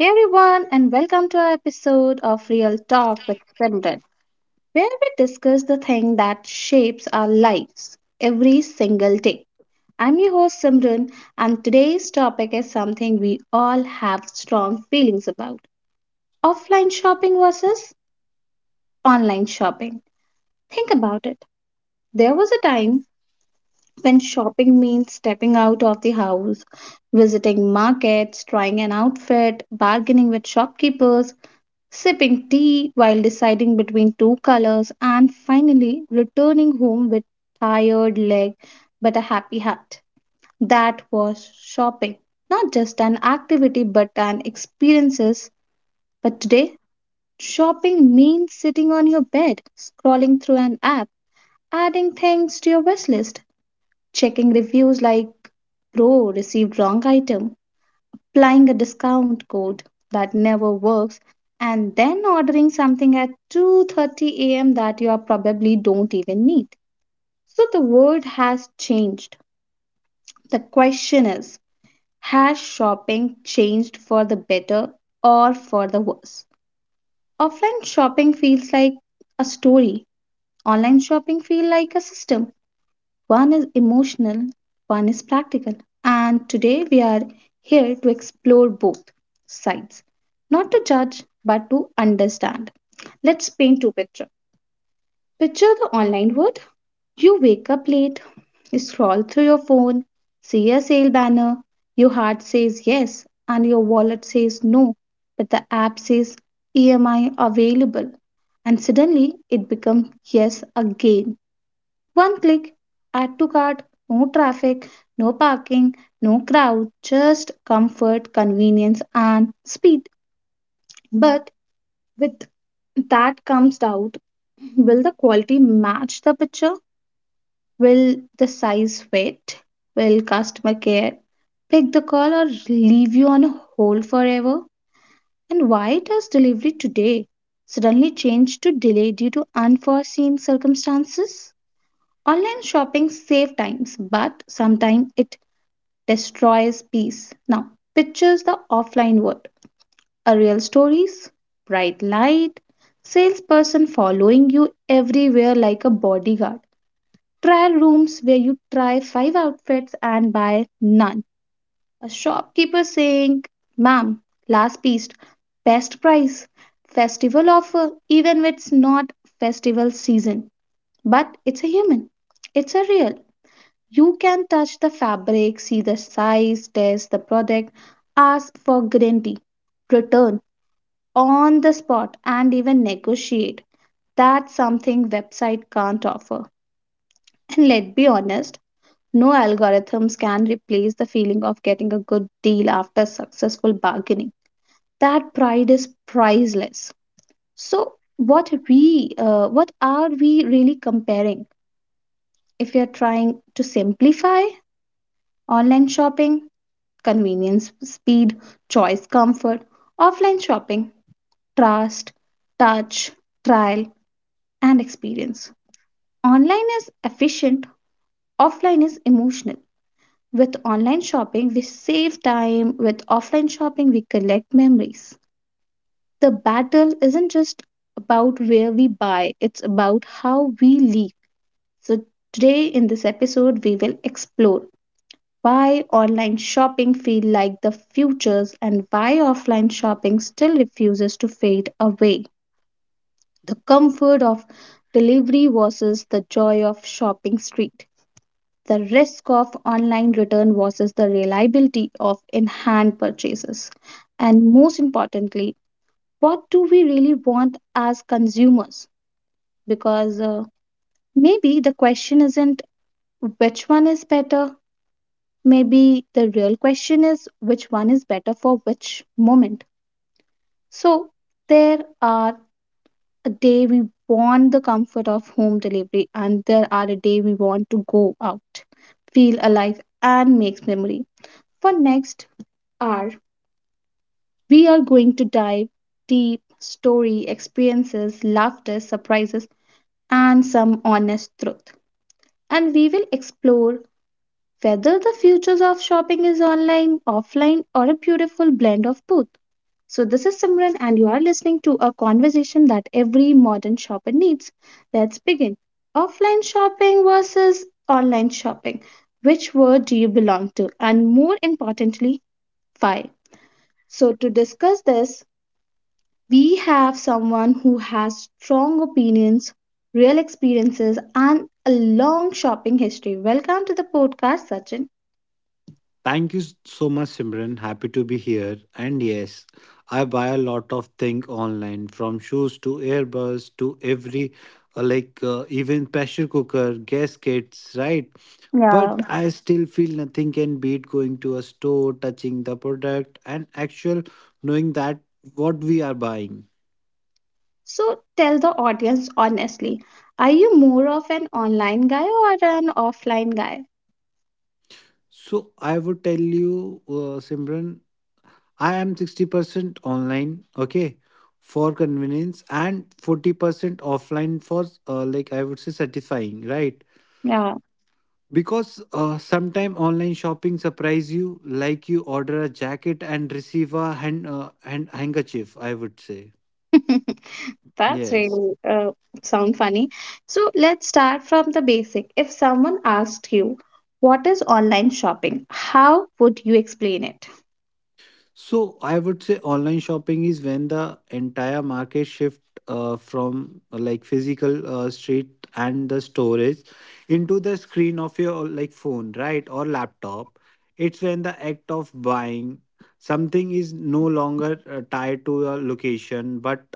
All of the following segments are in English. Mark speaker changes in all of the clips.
Speaker 1: Hey everyone, and welcome to our episode of Real Talk with Simran, where we discuss the thing that shapes our lives every single day. I'm your host Simran, and today's topic is something we all have strong feelings about offline shopping versus online shopping. Think about it. There was a time when shopping means stepping out of the house, visiting markets, trying an outfit, bargaining with shopkeepers sipping tea while deciding between two colors, and finally returning home with tired leg but a happy heart. That was shopping. Not just an activity but an experiences. But today, shopping means sitting on your bed, scrolling through an app, adding things to your wish list, checking reviews like bro received wrong item applying a discount code that never works, and then ordering something at 2:30 a.m. that you are probably don't even need. So the world has changed. The question is, has shopping changed for the better or for the worse? Offline shopping feels like a story. Online shopping feels like a system. One is emotional, one is practical, and today we are here to explore both sides, not to judge but to understand. Let's paint two picture. Picture the online world. You wake up late, scroll through your phone, see a sale banner, your heart says yes and your wallet says no, but the app says EMI available and suddenly it becomes yes again one click, add to cart, no traffic, no parking, no crowd, just comfort, convenience, and speed. But with that comes doubt, will the quality match the picture? Will the size fit? Will customer care pick the call or leave you on hold forever? And why does delivery today suddenly change to delay due to unforeseen circumstances? Online shopping saves times, but sometimes it destroys peace. Now, pictures the offline world. A real stories, bright light, salesperson following you everywhere like a bodyguard. Trial rooms where you try five outfits and buy none. A shopkeeper saying, "Ma'am, last piece, best price, festival offer," even when it's not festival season. But it's a human. It's a real. You can touch the fabric, see the size, test the product, ask for guarantee, return on the spot, and even negotiate. That's something website can't offer. And let's be honest, no algorithms can replace the feeling of getting a good deal after successful bargaining. That pride is priceless. So what are we really comparing if we are trying to simplify online shopping, convenience, speed, choice, comfort, offline shopping, trust, touch, trial, and experience. Online is efficient, offline is emotional. With online shopping, we save time, with offline shopping, we collect memories. The battle isn't just about where we buy, it's about how we live. So, today in this episode, we will explore why online shopping feel like the futures and why offline shopping still refuses to fade away. The comfort of delivery versus the joy of shopping street. The risk of online return versus the reliability of in-hand purchases. And most importantly, what do we really want as consumers? Because maybe the question isn't which one is better, maybe the real question is which one is better for which moment. So, there are a day we want the comfort of home delivery, and there are a day we want to go out, feel alive, and make memory. For next hour, we are going to dive deep story, experiences, laughter, surprises, and some honest truth. And we will explore whether the futures of shopping is online, offline, or a beautiful blend of both. So, this is Simran, and you are listening to a conversation that every modern shopper needs. Let's begin. Offline shopping versus online shopping. Which world do you belong to? And more importantly, why? So, to discuss this, we have someone who has strong opinions, real experiences, and a long shopping history. Welcome to the podcast, Sachin.
Speaker 2: Thank you so much, Simran. Happy to be here. And yes, I buy a lot of things online, from shoes to earbuds to every, like even pressure cooker, gas kits, right?
Speaker 1: Yeah.
Speaker 2: But I still feel nothing can beat going to a store, touching the product, and actual knowing that what we are buying.
Speaker 1: So tell the audience honestly, are you more of an online guy or an offline guy?
Speaker 2: So I would tell you, Simran, I am 60% online, okay, for convenience and 40% offline for like I would say satisfying, right?
Speaker 1: Yeah.
Speaker 2: Because sometime online shopping surprise you, like you order a jacket and receive a handkerchief, I would say.
Speaker 1: That's
Speaker 2: Yes.
Speaker 1: really sound funny. So let's start from the basic. If someone asked you, what is online shopping? How would you explain it?
Speaker 2: So I would say online shopping is when the entire market shift from like physical street and the storage into the screen of your like phone, right, or laptop. It's when the act of buying something is no longer tied to a location but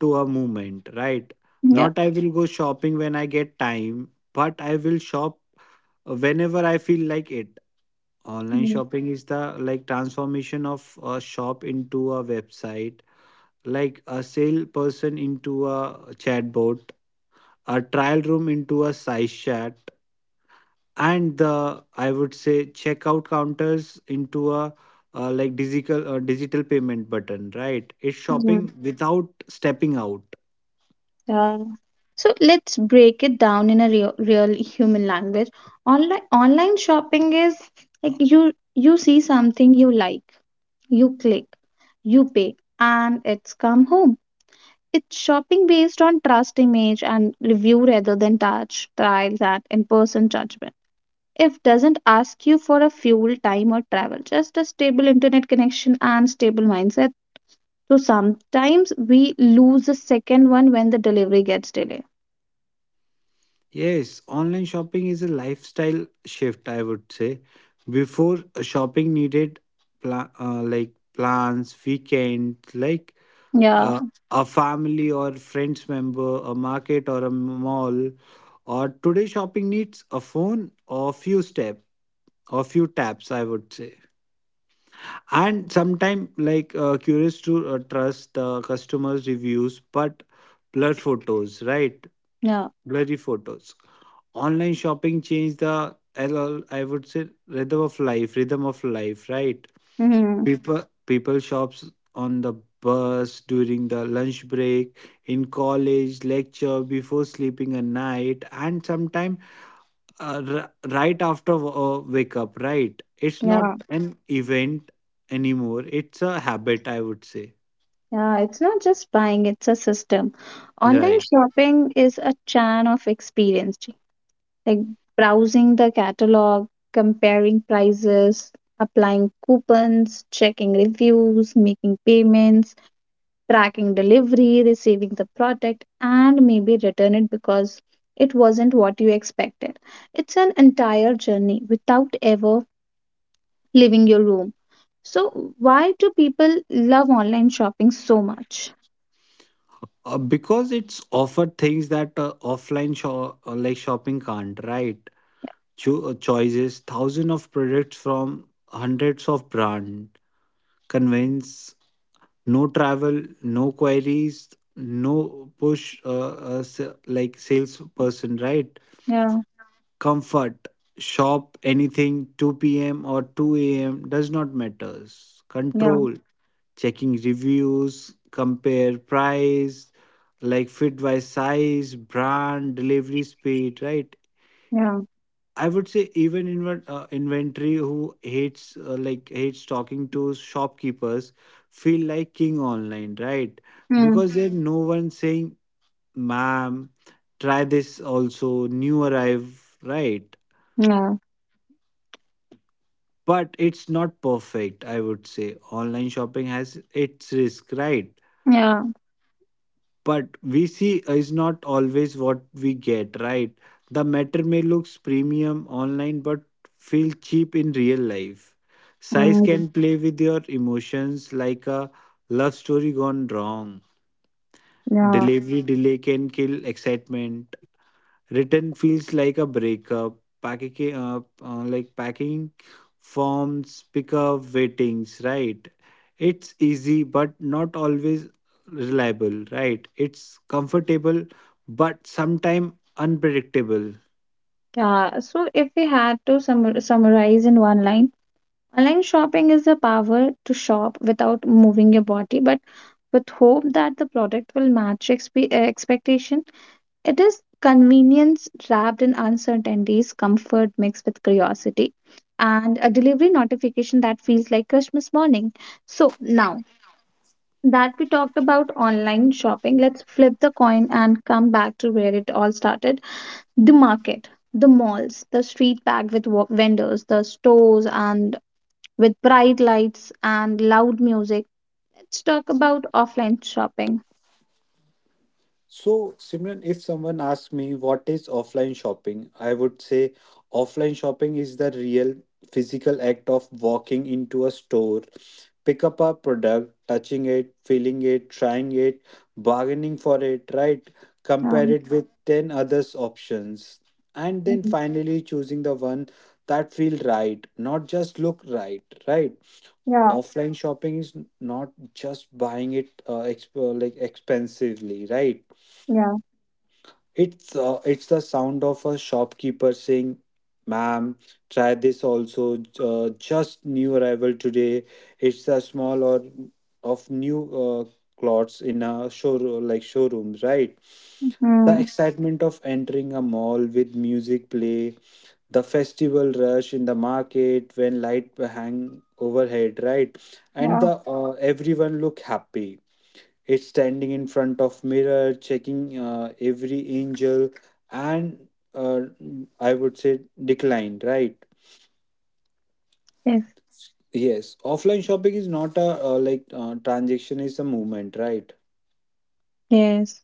Speaker 2: to a movement, right?
Speaker 1: Yeah.
Speaker 2: Not I will go shopping when I get time, but I will shop whenever I feel like it. Online
Speaker 1: Mm.
Speaker 2: shopping is the like transformation of a shop into a website, like a salesperson into a chatbot, a trial room into a size chat, and the I would say checkout counters into a like digital digital payment button, right? It's
Speaker 1: Mm.
Speaker 2: shopping without stepping out.
Speaker 1: Yeah. So let's break it down in a real, real human language. Online shopping is like you see something you like. You click, you pay, and it's come home. It's shopping based on trust, image, and review rather than touch, trials, and in person judgment. If doesn't ask you for a fuel, time, or travel, just a stable internet connection and stable mindset. So sometimes we lose the second one when the delivery gets delayed.
Speaker 2: Yes, online shopping is a lifestyle shift, I would say. Before shopping needed like plans, weekends, like
Speaker 1: Yeah,
Speaker 2: uh, a family or friends member, a market or a mall. Or today shopping needs a phone or few steps or few taps, I would say. And sometimes like curious to trust the customers' reviews, but blur photos, right?
Speaker 1: yeah,
Speaker 2: Blurry photos. Online shopping changed the LL I would say rhythm of life, right?
Speaker 1: hmm,
Speaker 2: People shops on the bus, during the lunch break, in college lecture, before sleeping a night, and sometime right after wake up, right? It's not
Speaker 1: yeah,
Speaker 2: an event anymore, it's a habit I would say.
Speaker 1: yeah. It's not just buying, it's a system. Online
Speaker 2: right
Speaker 1: shopping is a chain of experience, like browsing the catalog, comparing prices, applying coupons, checking reviews, making payments, tracking delivery, receiving the product, and maybe return it because it wasn't what you expected. It's an entire journey without ever leaving your room. So, why do people love online shopping so much?
Speaker 2: uh, because it's offered things that offline shop like shopping can't, right? Choices, thousands of products from hundreds of brands, convince, no travel, no queries, no push like salesperson, right?
Speaker 1: Yeah,
Speaker 2: Comfort, shop anything 2 p.m. or 2 a.m., does not matters.
Speaker 1: yeah,
Speaker 2: Control, checking reviews, compare price, like fit by size, brand, delivery speed, right?
Speaker 1: yeah.
Speaker 2: I would say even inventory. Who hates like hates talking to shopkeepers feel like king online, right?
Speaker 1: Mm,
Speaker 2: Because there's no one saying, "Ma'am, try this also new arrive," right?
Speaker 1: yeah,
Speaker 2: But it's not perfect. I would say online shopping has its risk, right?
Speaker 1: yeah,
Speaker 2: But we see is not always what we get, right? The matter may looks premium online but feel cheap in real life. Size
Speaker 1: mm,
Speaker 2: can play with your emotions like a love story gone wrong.
Speaker 1: yeah.
Speaker 2: Delivery delay can kill excitement. Written feels like a breakup, packing like packing forms, pickup waitings, right? It's easy but not always reliable, right? It's comfortable but sometimes unpredictable.
Speaker 1: Yeah, so if we had to summarize in one line, online shopping is the power to shop without moving your body, but with hope that the product will match expectation. It is convenience wrapped in uncertainties, comfort mixed with curiosity, and a delivery notification that feels like Christmas morning. So now that we talked about online shopping, let's flip the coin and come back to where it all started, the market, the malls, the street packed with vendors, the stores, and with bright lights and loud music. Let's talk about offline shopping.
Speaker 2: So, Simran, if someone asks me what is offline shopping, I would say offline shopping is the real physical act of walking into a store, pick up a product, touching it, feeling it, trying it, bargaining for it, right? Compare
Speaker 1: Um.
Speaker 2: it with 10 others options and then
Speaker 1: Mhm.
Speaker 2: finally choosing the one that feel right, not just look right, right?
Speaker 1: Yeah,
Speaker 2: Offline shopping is not just buying it like expensively, right?
Speaker 1: yeah,
Speaker 2: It's it's the sound of a shopkeeper saying, "Ma'am, try this also. Just new arrival today." It's a small or of new uh, clothes in a show like showroom, right? The
Speaker 1: mm,
Speaker 2: excitement of entering a mall with music play, the festival rush in the market when light hang overhead, right? And
Speaker 1: yeah,
Speaker 2: the everyone look happy. It's standing in front of mirror, checking every angel, and uh, I would say declined, right?
Speaker 1: yes,
Speaker 2: Yes, offline shopping is not a transaction, is a movement, right?
Speaker 1: yes.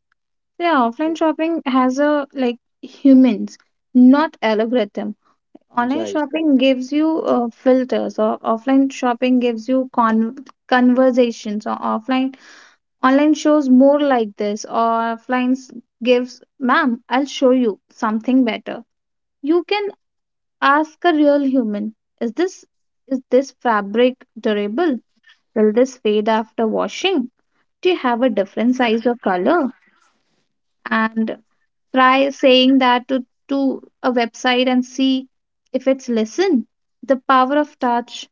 Speaker 1: Yeah, offline shopping has a like humans, not algorithm. Online
Speaker 2: Right,
Speaker 1: shopping gives you filters, or offline shopping gives you conversations, or offline Online shows more like this, or offline gives, "Ma'am, I'll show you something better." You can ask a real human, Is this is this fabric durable? Will this fade after washing? Do you have a different size or color? And try saying that to a website and see if it's listen. The power of touch.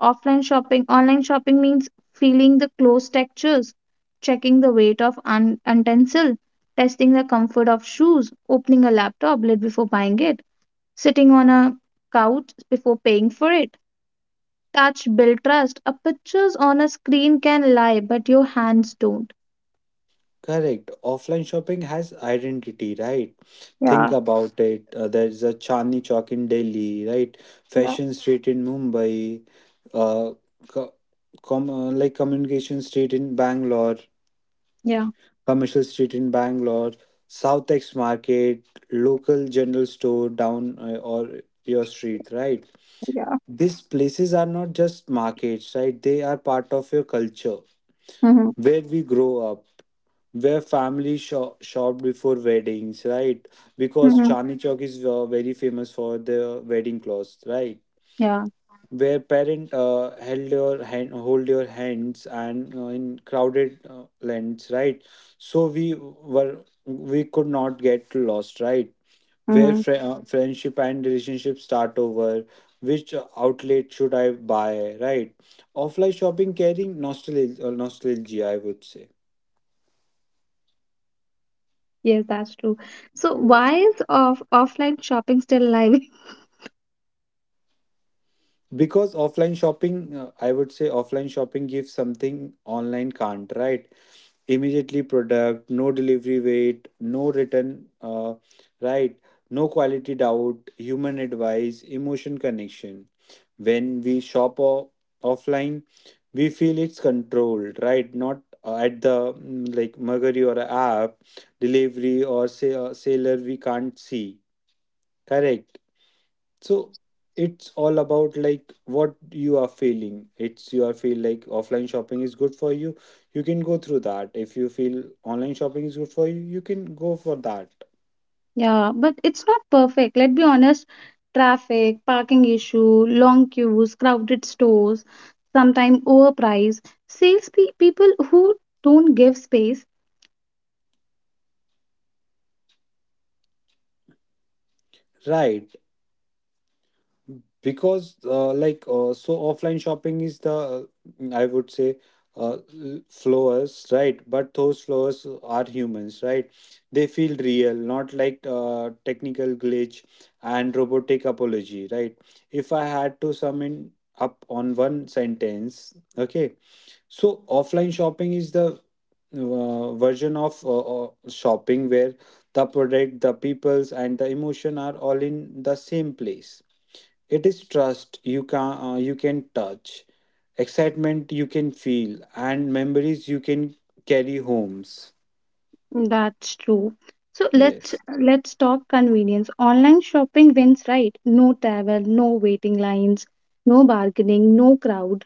Speaker 1: Offline shopping, online shopping means feeling the close textures, checking the weight of utensil, testing the comfort of shoes, opening a laptop lid before buying it, sitting on a couch before paying for it. Touch, build trust. A pictures on a screen can lie, but your hands don't.
Speaker 2: correct. Offline shopping has identity, right?
Speaker 1: Yeah,
Speaker 2: Think about it. There's a Chandni Chowk in Delhi, right?
Speaker 1: yeah,
Speaker 2: Fashion Street in Mumbai, uh, co- like Communication Street in Bangalore,
Speaker 1: yeah,
Speaker 2: commercial street in Bangalore, Southex Market, local general store down or your street, right?
Speaker 1: yeah.
Speaker 2: These places are not just markets, right? They are part of your culture,
Speaker 1: Mm-hmm.
Speaker 2: where we grow up, where family shopped before weddings, right? Because
Speaker 1: Mm-hmm.
Speaker 2: Chandni Chowk is very famous for the wedding clothes, right?
Speaker 1: Yeah.
Speaker 2: Where parent held your hand hold your hands, and in crowded lands, right? So we were, we could not get lost, right? Where
Speaker 1: Hmm.
Speaker 2: friendship and relationship start over which outlet should I buy, right? Offline shopping carrying nostalgia, I would say.
Speaker 1: Yes, that's true. So, why
Speaker 2: Yes,
Speaker 1: is offline shopping still alive?
Speaker 2: because offline shopping I would say offline shopping gives something online can't, right? Immediately product, no delivery wait, no return right, no quality doubt, human advice, emotion connection. When we offline, we feel it's controlled, right? Not at the like mercury or a app delivery, or say seller we can't see, correct? So it's all about like what you are feeling. It's you are feel like offline shopping is good for you, you can go through that. If you feel online shopping is good for you, you can go for that.
Speaker 1: Yeah, but it's not perfect. Let's be honest. Traffic, parking issue, long queues, crowded stores, sometimes overpriced. Sales pe people who don't give space.
Speaker 2: Right, because so offline shopping is the I would say uh, l- flowers, right? But those flowers are humans, right? They feel real, not like technical glitch and robotic apology, right? If I had to sum in up on one sentence, okay, so offline shopping is the version of shopping where the product, the peoples, and the emotion are all in the same place. It is trust you can touch, excitement you can feel, and memories you can carry homes.
Speaker 1: That's true. So let's
Speaker 2: Yes,
Speaker 1: let's talk convenience. Online shopping wins, right? No travel, no waiting lines, no bargaining, no crowd.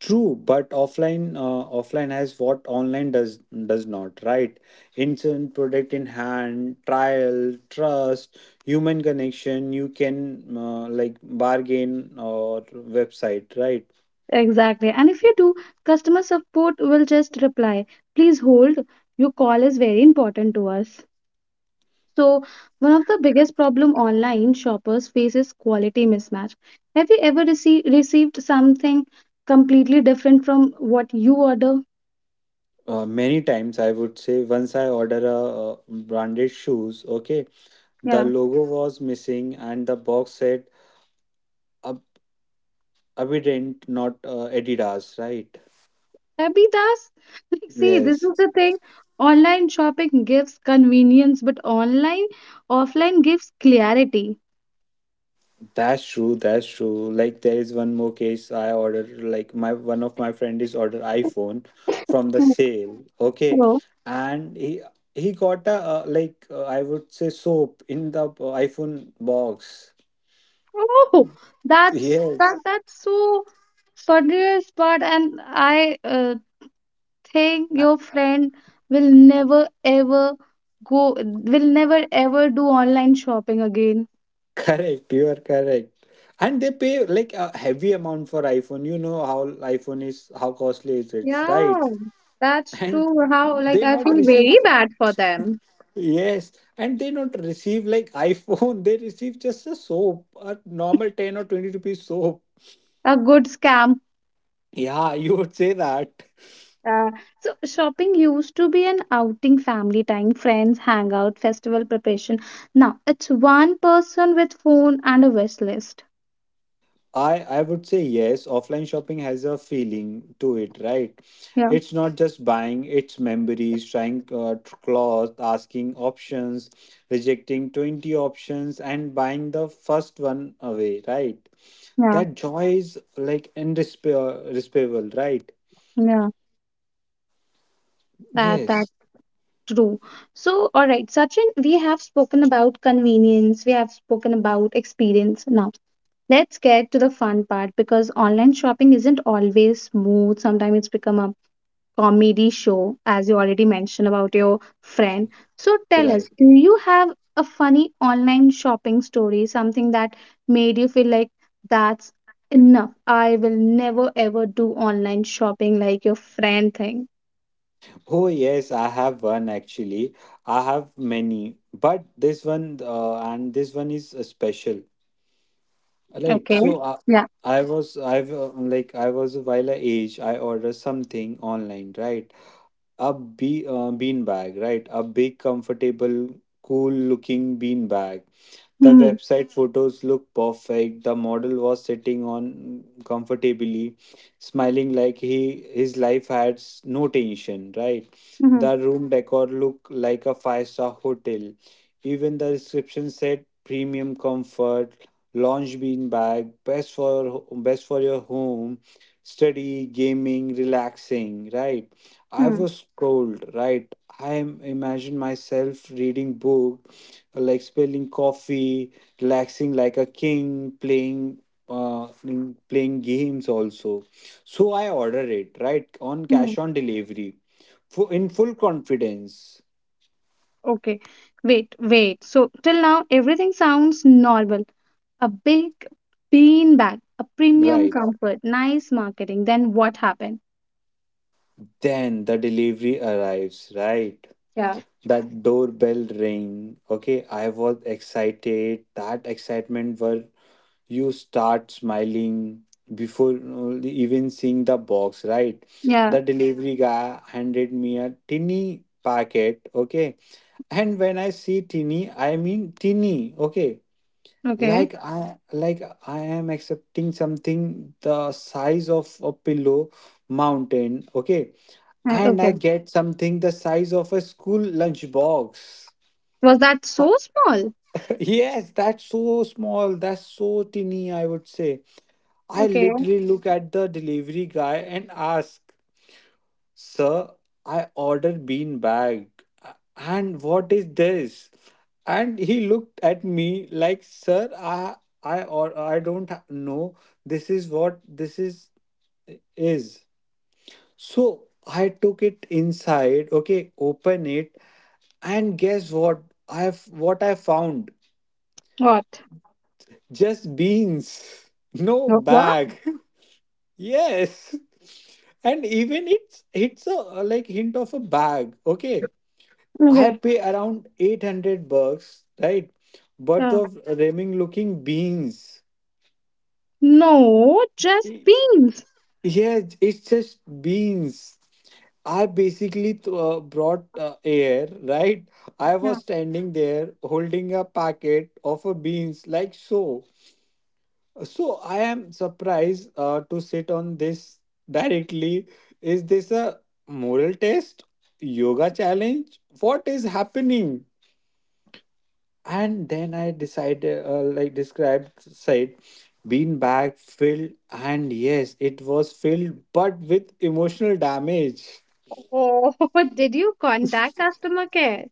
Speaker 2: true. But offline has what online does not. Right, instant product in hand, trial, trust, human connection. You can like bargain or website. Right.
Speaker 1: Exactly. And if you do, customer support will just reply, "Please hold. Your call is very important to us." So, one of the biggest problem online shoppers faces quality mismatch. Have you ever received something completely different from what you order?
Speaker 2: Many times I would say, once I order a branded shoes, okay, the
Speaker 1: Yeah,
Speaker 2: logo was missing, and the box said Ab- Abidant, not Adidas, right?
Speaker 1: that be thus. Like, see, this is
Speaker 2: Yes,
Speaker 1: the thing. Online shopping gives convenience, but online offline gives clarity.
Speaker 2: that's true. That's true. Like there is one more case I ordered. Like my one of my friend is ordered iPhone from the
Speaker 1: Hmm.
Speaker 2: sale. Okay,
Speaker 1: So,
Speaker 2: and he got a I would say soap in the iPhone box.
Speaker 1: oh,
Speaker 2: Yes,
Speaker 1: that's so funniest part, and I thing your friend will never ever go, will never ever do online shopping again.
Speaker 2: correct. You are correct. And they pay like a heavy amount for iPhone. You know how iPhone is, how costly it is,
Speaker 1: Yeah,
Speaker 2: right?
Speaker 1: that's
Speaker 2: And
Speaker 1: true. How, like,
Speaker 2: they
Speaker 1: I
Speaker 2: not
Speaker 1: feel
Speaker 2: receive,
Speaker 1: very bad for them.
Speaker 2: yes, and they not receive like iPhone, they receive just a soap, a normal 10 or 20 rupees soap.
Speaker 1: A good scam.
Speaker 2: Yeah, you would say that.
Speaker 1: Uh, so shopping used to be an outing, family time, friends, hangout, festival preparation. Now it's one person with phone and a wish list.
Speaker 2: I would say yes, offline shopping has a feeling to it, right?
Speaker 1: Yeah,
Speaker 2: It's not just buying, it's memories, trying clothes, asking options, rejecting 20 options and buying the first one away, right?
Speaker 1: yeah,
Speaker 2: That joy is like indescribable, right?
Speaker 1: yeah. That.
Speaker 2: Yes,
Speaker 1: True. So, all right, Sachin, we have spoken about convenience, we have spoken about experience. Now, let's get to the fun part because online shopping isn't always smooth. Sometimes it's become a comedy show, as you already mentioned about your friend. So, tell us,
Speaker 2: right.
Speaker 1: do you have a funny online shopping story, something that made you feel like, that's enough? I will never ever do online shopping like your friend thing.
Speaker 2: Oh, yes, I have one actually. I have many, but this one and this one is special, right?
Speaker 1: Okay.
Speaker 2: So I,
Speaker 1: Yeah.
Speaker 2: I was I've uh, like I was a while I age, I ordered something online, right? A be bean bag, right? A big, comfortable, cool looking bean bag. The
Speaker 1: Hmm.
Speaker 2: website photos looked perfect. The model was sitting on comfortably, smiling like he his life had no tension, right? The room decor looked like a five-star hotel. Even the description said premium comfort, lounge bean bag, best for your home, study, gaming, relaxing, right? I
Speaker 1: Hmm.
Speaker 2: was cold, right? I imagined myself reading book, like spilling coffee, relaxing like a king, playing playing games also. So I order it right on
Speaker 1: Hmm.
Speaker 2: cash on delivery, in full confidence.
Speaker 1: Okay, wait, wait. So till now everything sounds normal. A big bean bag, a premium
Speaker 2: Right.
Speaker 1: comfort, nice marketing. Then what happened?
Speaker 2: Then the delivery arrives. Right.
Speaker 1: Yeah.
Speaker 2: That doorbell ring. Okay, I was excited. That excitement were you start smiling before only even seeing the box, right?
Speaker 1: Yeah,
Speaker 2: The delivery guy handed me a tinny packet, okay, and when I see tinny, I mean tinny, okay,
Speaker 1: okay.
Speaker 2: like i like I am accepting something the size of a pillow mountain, okay, and I
Speaker 1: Okay.
Speaker 2: get something the size of a school lunch box.
Speaker 1: Was that so small?
Speaker 2: Yes, that's so small, that's so tinny, I would say. I
Speaker 1: Okay.
Speaker 2: literally look at the delivery guy and ask, "Sir, I ordered bean bag. And what is this?" And he looked at me like, "Sir, I don't know. This is what this is is." So I took it inside, okay, open it, and guess what? I have what I found?
Speaker 1: What?
Speaker 2: Just beans. No
Speaker 1: No, what?
Speaker 2: bag. Yes. And even it's a like hint of a bag. Okay. I
Speaker 1: Okay.
Speaker 2: pay around 800 bucks, right? Worth
Speaker 1: Yeah.
Speaker 2: of ramen looking beans.
Speaker 1: No, just
Speaker 2: Y-
Speaker 1: beans.
Speaker 2: Yes, it's just beans. I basically brought air, right? I was
Speaker 1: Yeah.
Speaker 2: standing there holding a packet of a beans like so. So I am surprised to sit on this directly. Is this a moral test? Yoga challenge? What is happening? And then I decided, like described, said, bean bag filled, and yes, it was filled, but with emotional damage.
Speaker 1: Oh. Did you contact customer care?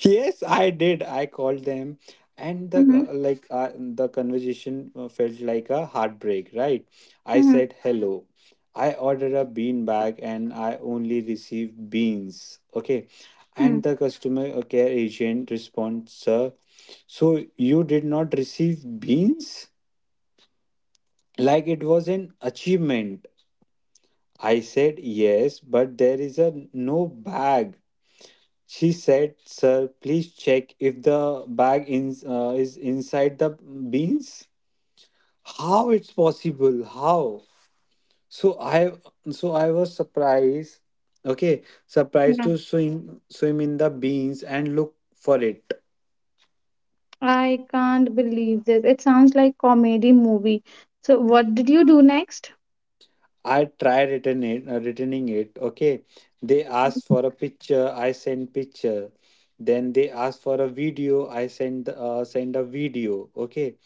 Speaker 2: Yes, I did. I called them, and the
Speaker 1: Mm-hmm.
Speaker 2: the conversation felt like a heartbreak. Right? I said hello. I ordered a bean bag, and I only received beans. Okay, and the customer care agent responds, "Sir, so you did not receive beans? Like it was an achievement." I said, "Yes, but there is a no bag." She said, "Sir, please check if the bag is inside the beans." How it's possible? How? So I so I was surprised. Okay, surprised
Speaker 1: Mm-hmm.
Speaker 2: to swim in the beans and look for it.
Speaker 1: I can't believe this. It sounds like comedy movie. So what did you do next?
Speaker 2: I tried returning it. Okay, they asked for a picture. I sent picture. Then they asked for a video. I sent send a video. Okay,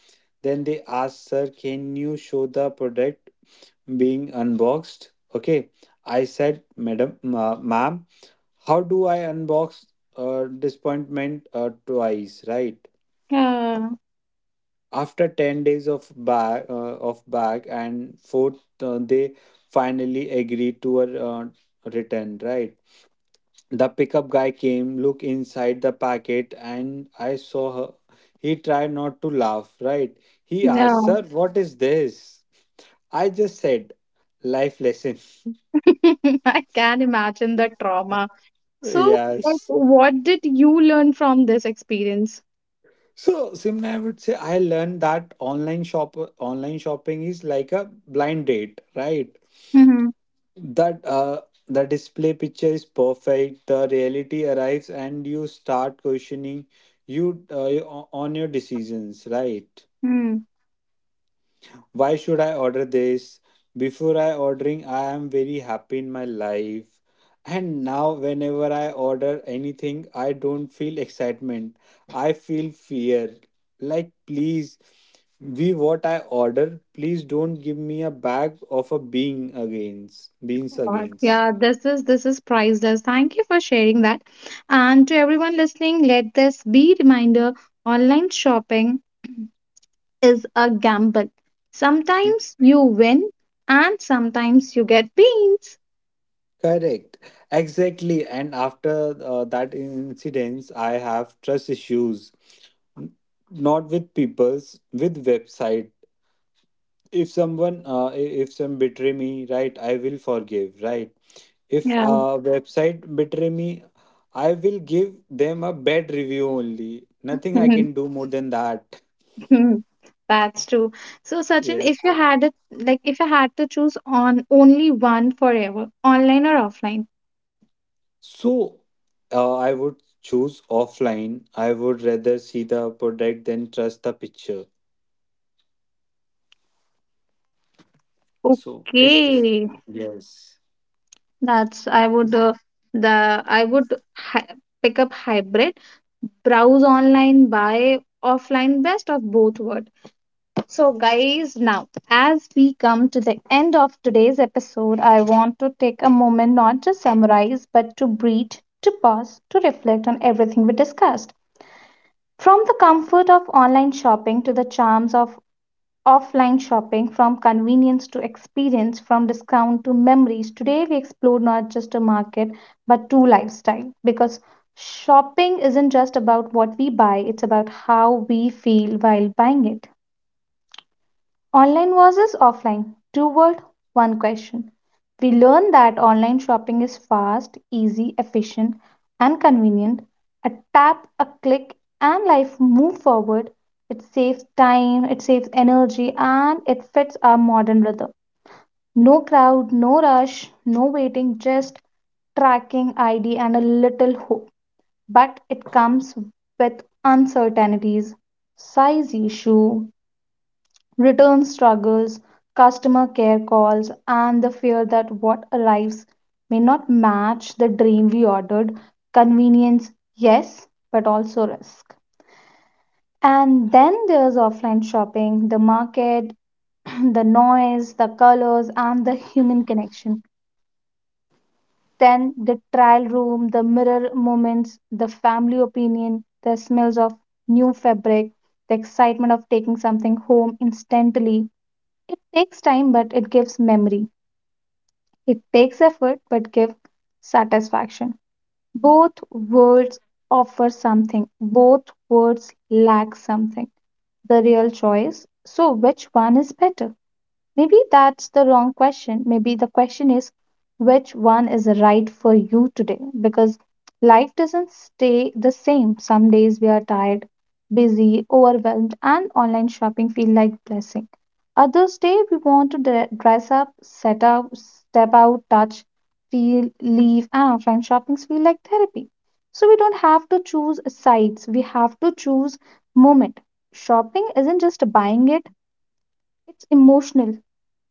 Speaker 2: then they asked, "Sir, can you show the product being unboxed?" Okay, I said, "Madam, ma'am, how do I unbox disappointment twice?" Right,
Speaker 1: Yeah,
Speaker 2: after 10 days of back and forth, they finally agreed to a return, right? The pickup guy came, looked inside the packet, and I saw her, he tried not to laugh, right? He asked,
Speaker 1: no.
Speaker 2: "Sir, what is this?" I just said, "Life lesson."
Speaker 1: I can imagine the trauma. So, like,
Speaker 2: Yes.
Speaker 1: what did you learn from this experience?
Speaker 2: So Simna, I would say I learned that online shopping is like a blind date, right?
Speaker 1: Mm-hmm.
Speaker 2: That the display picture is perfect, the reality arrives and you start questioning on your decisions, right? Why should I order this? Before I ordering, I am very happy in my life, and now whenever I order anything, I don't feel excitement, I feel fear. Like, please be what I order, please don't give me a bag of a being against beans
Speaker 1: God,
Speaker 2: against.
Speaker 1: yeah, this is priceless. Thank you for sharing that. And to everyone listening, let this be reminder: online shopping is a gamble. Sometimes you win, and sometimes you get beans.
Speaker 2: Correct. Exactly. And after that incidents, I have trust issues. N- Not with people's, with website. If someone, if some betray me, right, I will forgive, right. If
Speaker 1: Yeah.
Speaker 2: a website betray me, I will give them a bad review only. Nothing I
Speaker 1: Mhm.
Speaker 2: can do more than that.
Speaker 1: That's true. So, Sachin,
Speaker 2: Yes.
Speaker 1: if you had it, like if you had to choose on only one forever, online or offline?
Speaker 2: So, I would choose offline. I would rather see the product than trust the picture. So it
Speaker 1: Okay,
Speaker 2: yes.
Speaker 1: that's I would the I would hi pick up hybrid, browse online, buy offline, best of both world. So, guys, now as we come to the end of today's episode, I want to take a moment not to summarize, but to breathe, to pause, to reflect on everything we discussed. From the comfort of online shopping to the charms of offline shopping, from convenience to experience, from discount to memories, today we explore not just a market but two lifestyle because shopping isn't just about what we buy, it's about how we feel while buying it. Online versus offline. Two word, one question. We learn that online shopping is fast, easy, efficient, and convenient. A tap, a click, and life move forward. It saves time, it saves energy, and it fits our modern rhythm. No crowd, no rush, no waiting, just tracking ID and a little hope. But it comes with uncertainties, size issue, return struggles, customer care calls, and the fear that what arrives may not match the dream we ordered. Convenience, yes, but also risk. And then there's offline shopping, the market, the noise, the colors, and the human connection. Then the trial room, the mirror moments, the family opinion, the smells of new fabric, the excitement of taking something home instantly, it takes time, but it gives memory. It takes effort, but gives satisfaction. Both words offer something, both words lack something. The real choice. So, which one is better? Maybe that's the wrong question. Maybe the question is which one is right for you today? Because life doesn't stay the same. Some days we are tired, busy, overwhelmed, and online shopping feel like blessing. Others day we want to dress up, set up, step out, touch, feel, leave, and offline shoppings feel like therapy. So we don't have to choose sides. We have to choose moment. Shopping isn't just buying it, it's emotional.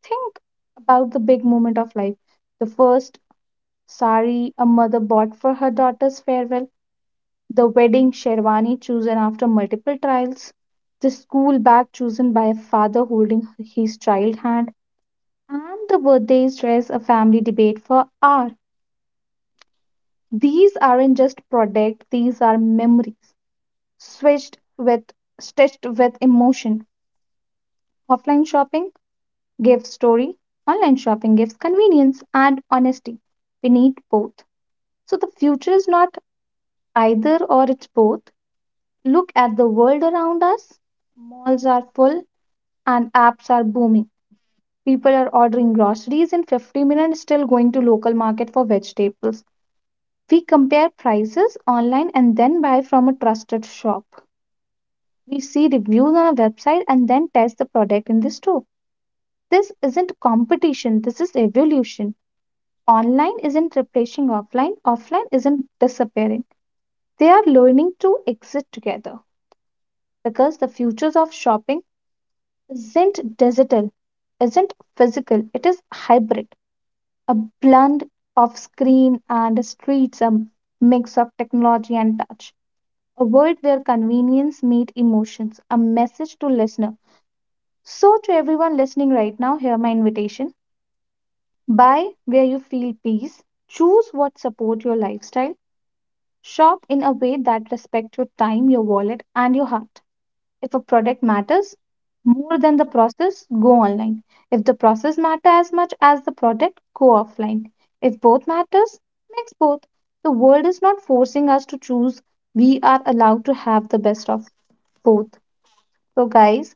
Speaker 1: Think about the big moment of life. The first sari a mother bought for her daughter's farewell, the wedding sherwani chosen after multiple trials, the school bag chosen by a father holding his child hand, and the birthday's dress a family debate for hours. These aren't just products, these are memories switched with stitched with emotion. Offline shopping gives story, online shopping gives convenience and honesty. We need both. So the future is not either or, it's both. Look at the world around us. Malls are full and apps are booming. People are ordering groceries in 50 minutes, still going to local market for vegetables. We compare prices online and then buy from a trusted shop. We see reviews on a website and then test the product in the store. This isn't competition, this is evolution. Online isn't replacing offline, offline isn't disappearing. They are learning to exist together, because the futures of shopping isn't digital, isn't physical, it is hybrid, a blend of screen and streets, a mix of technology and touch, a world where convenience meets emotions, a message to listener. So to everyone listening right now, hear my invitation. Buy where you feel peace, choose what support your lifestyle, shop in a way that respect your time, your wallet and your heart. If a product matters more than the process, go online. If the process matter as much as the product, go offline. If both matters, mix both. The world is not forcing us to choose. We are allowed to have the best of both. So, guys,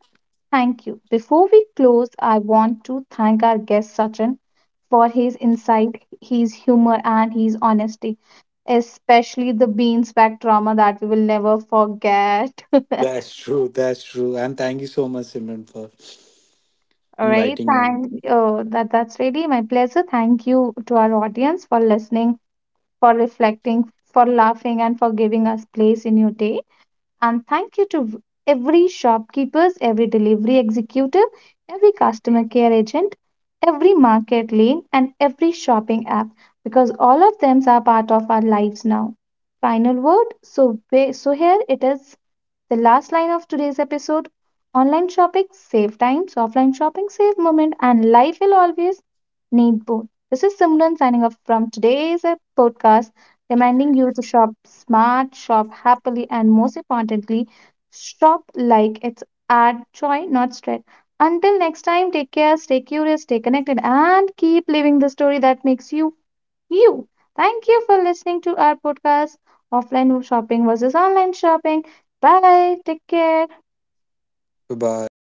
Speaker 1: thank you. Before we close, I want to thank our guest Sachin for his insight, his humor, and his honesty, especially the beans back drama that we will never forget.
Speaker 2: That's true. That's true. And thank you so much, Simran, for
Speaker 1: All right,
Speaker 2: inviting me.
Speaker 1: thank that that's really my pleasure. Thank you to our audience for listening, for reflecting, for laughing, and for giving us place in your day. And thank you to every shopkeepers, every delivery executive, every customer care agent, every market lane, and every shopping app because all of them are part of our lives now. Final word. So here it is. The last line of today's episode, online shopping save times, offline shopping save moment, and life will always need both. This is Simran signing off from today's podcast, reminding you to shop smart, shop happily, and most importantly, shop like it's add joy, not stress. Until next time, take care, stay curious, stay connected, and keep living the story that makes you you. Thank you for listening to our podcast, Offline Shopping versus Online Shopping. Bye. Take care.
Speaker 2: Bye bye.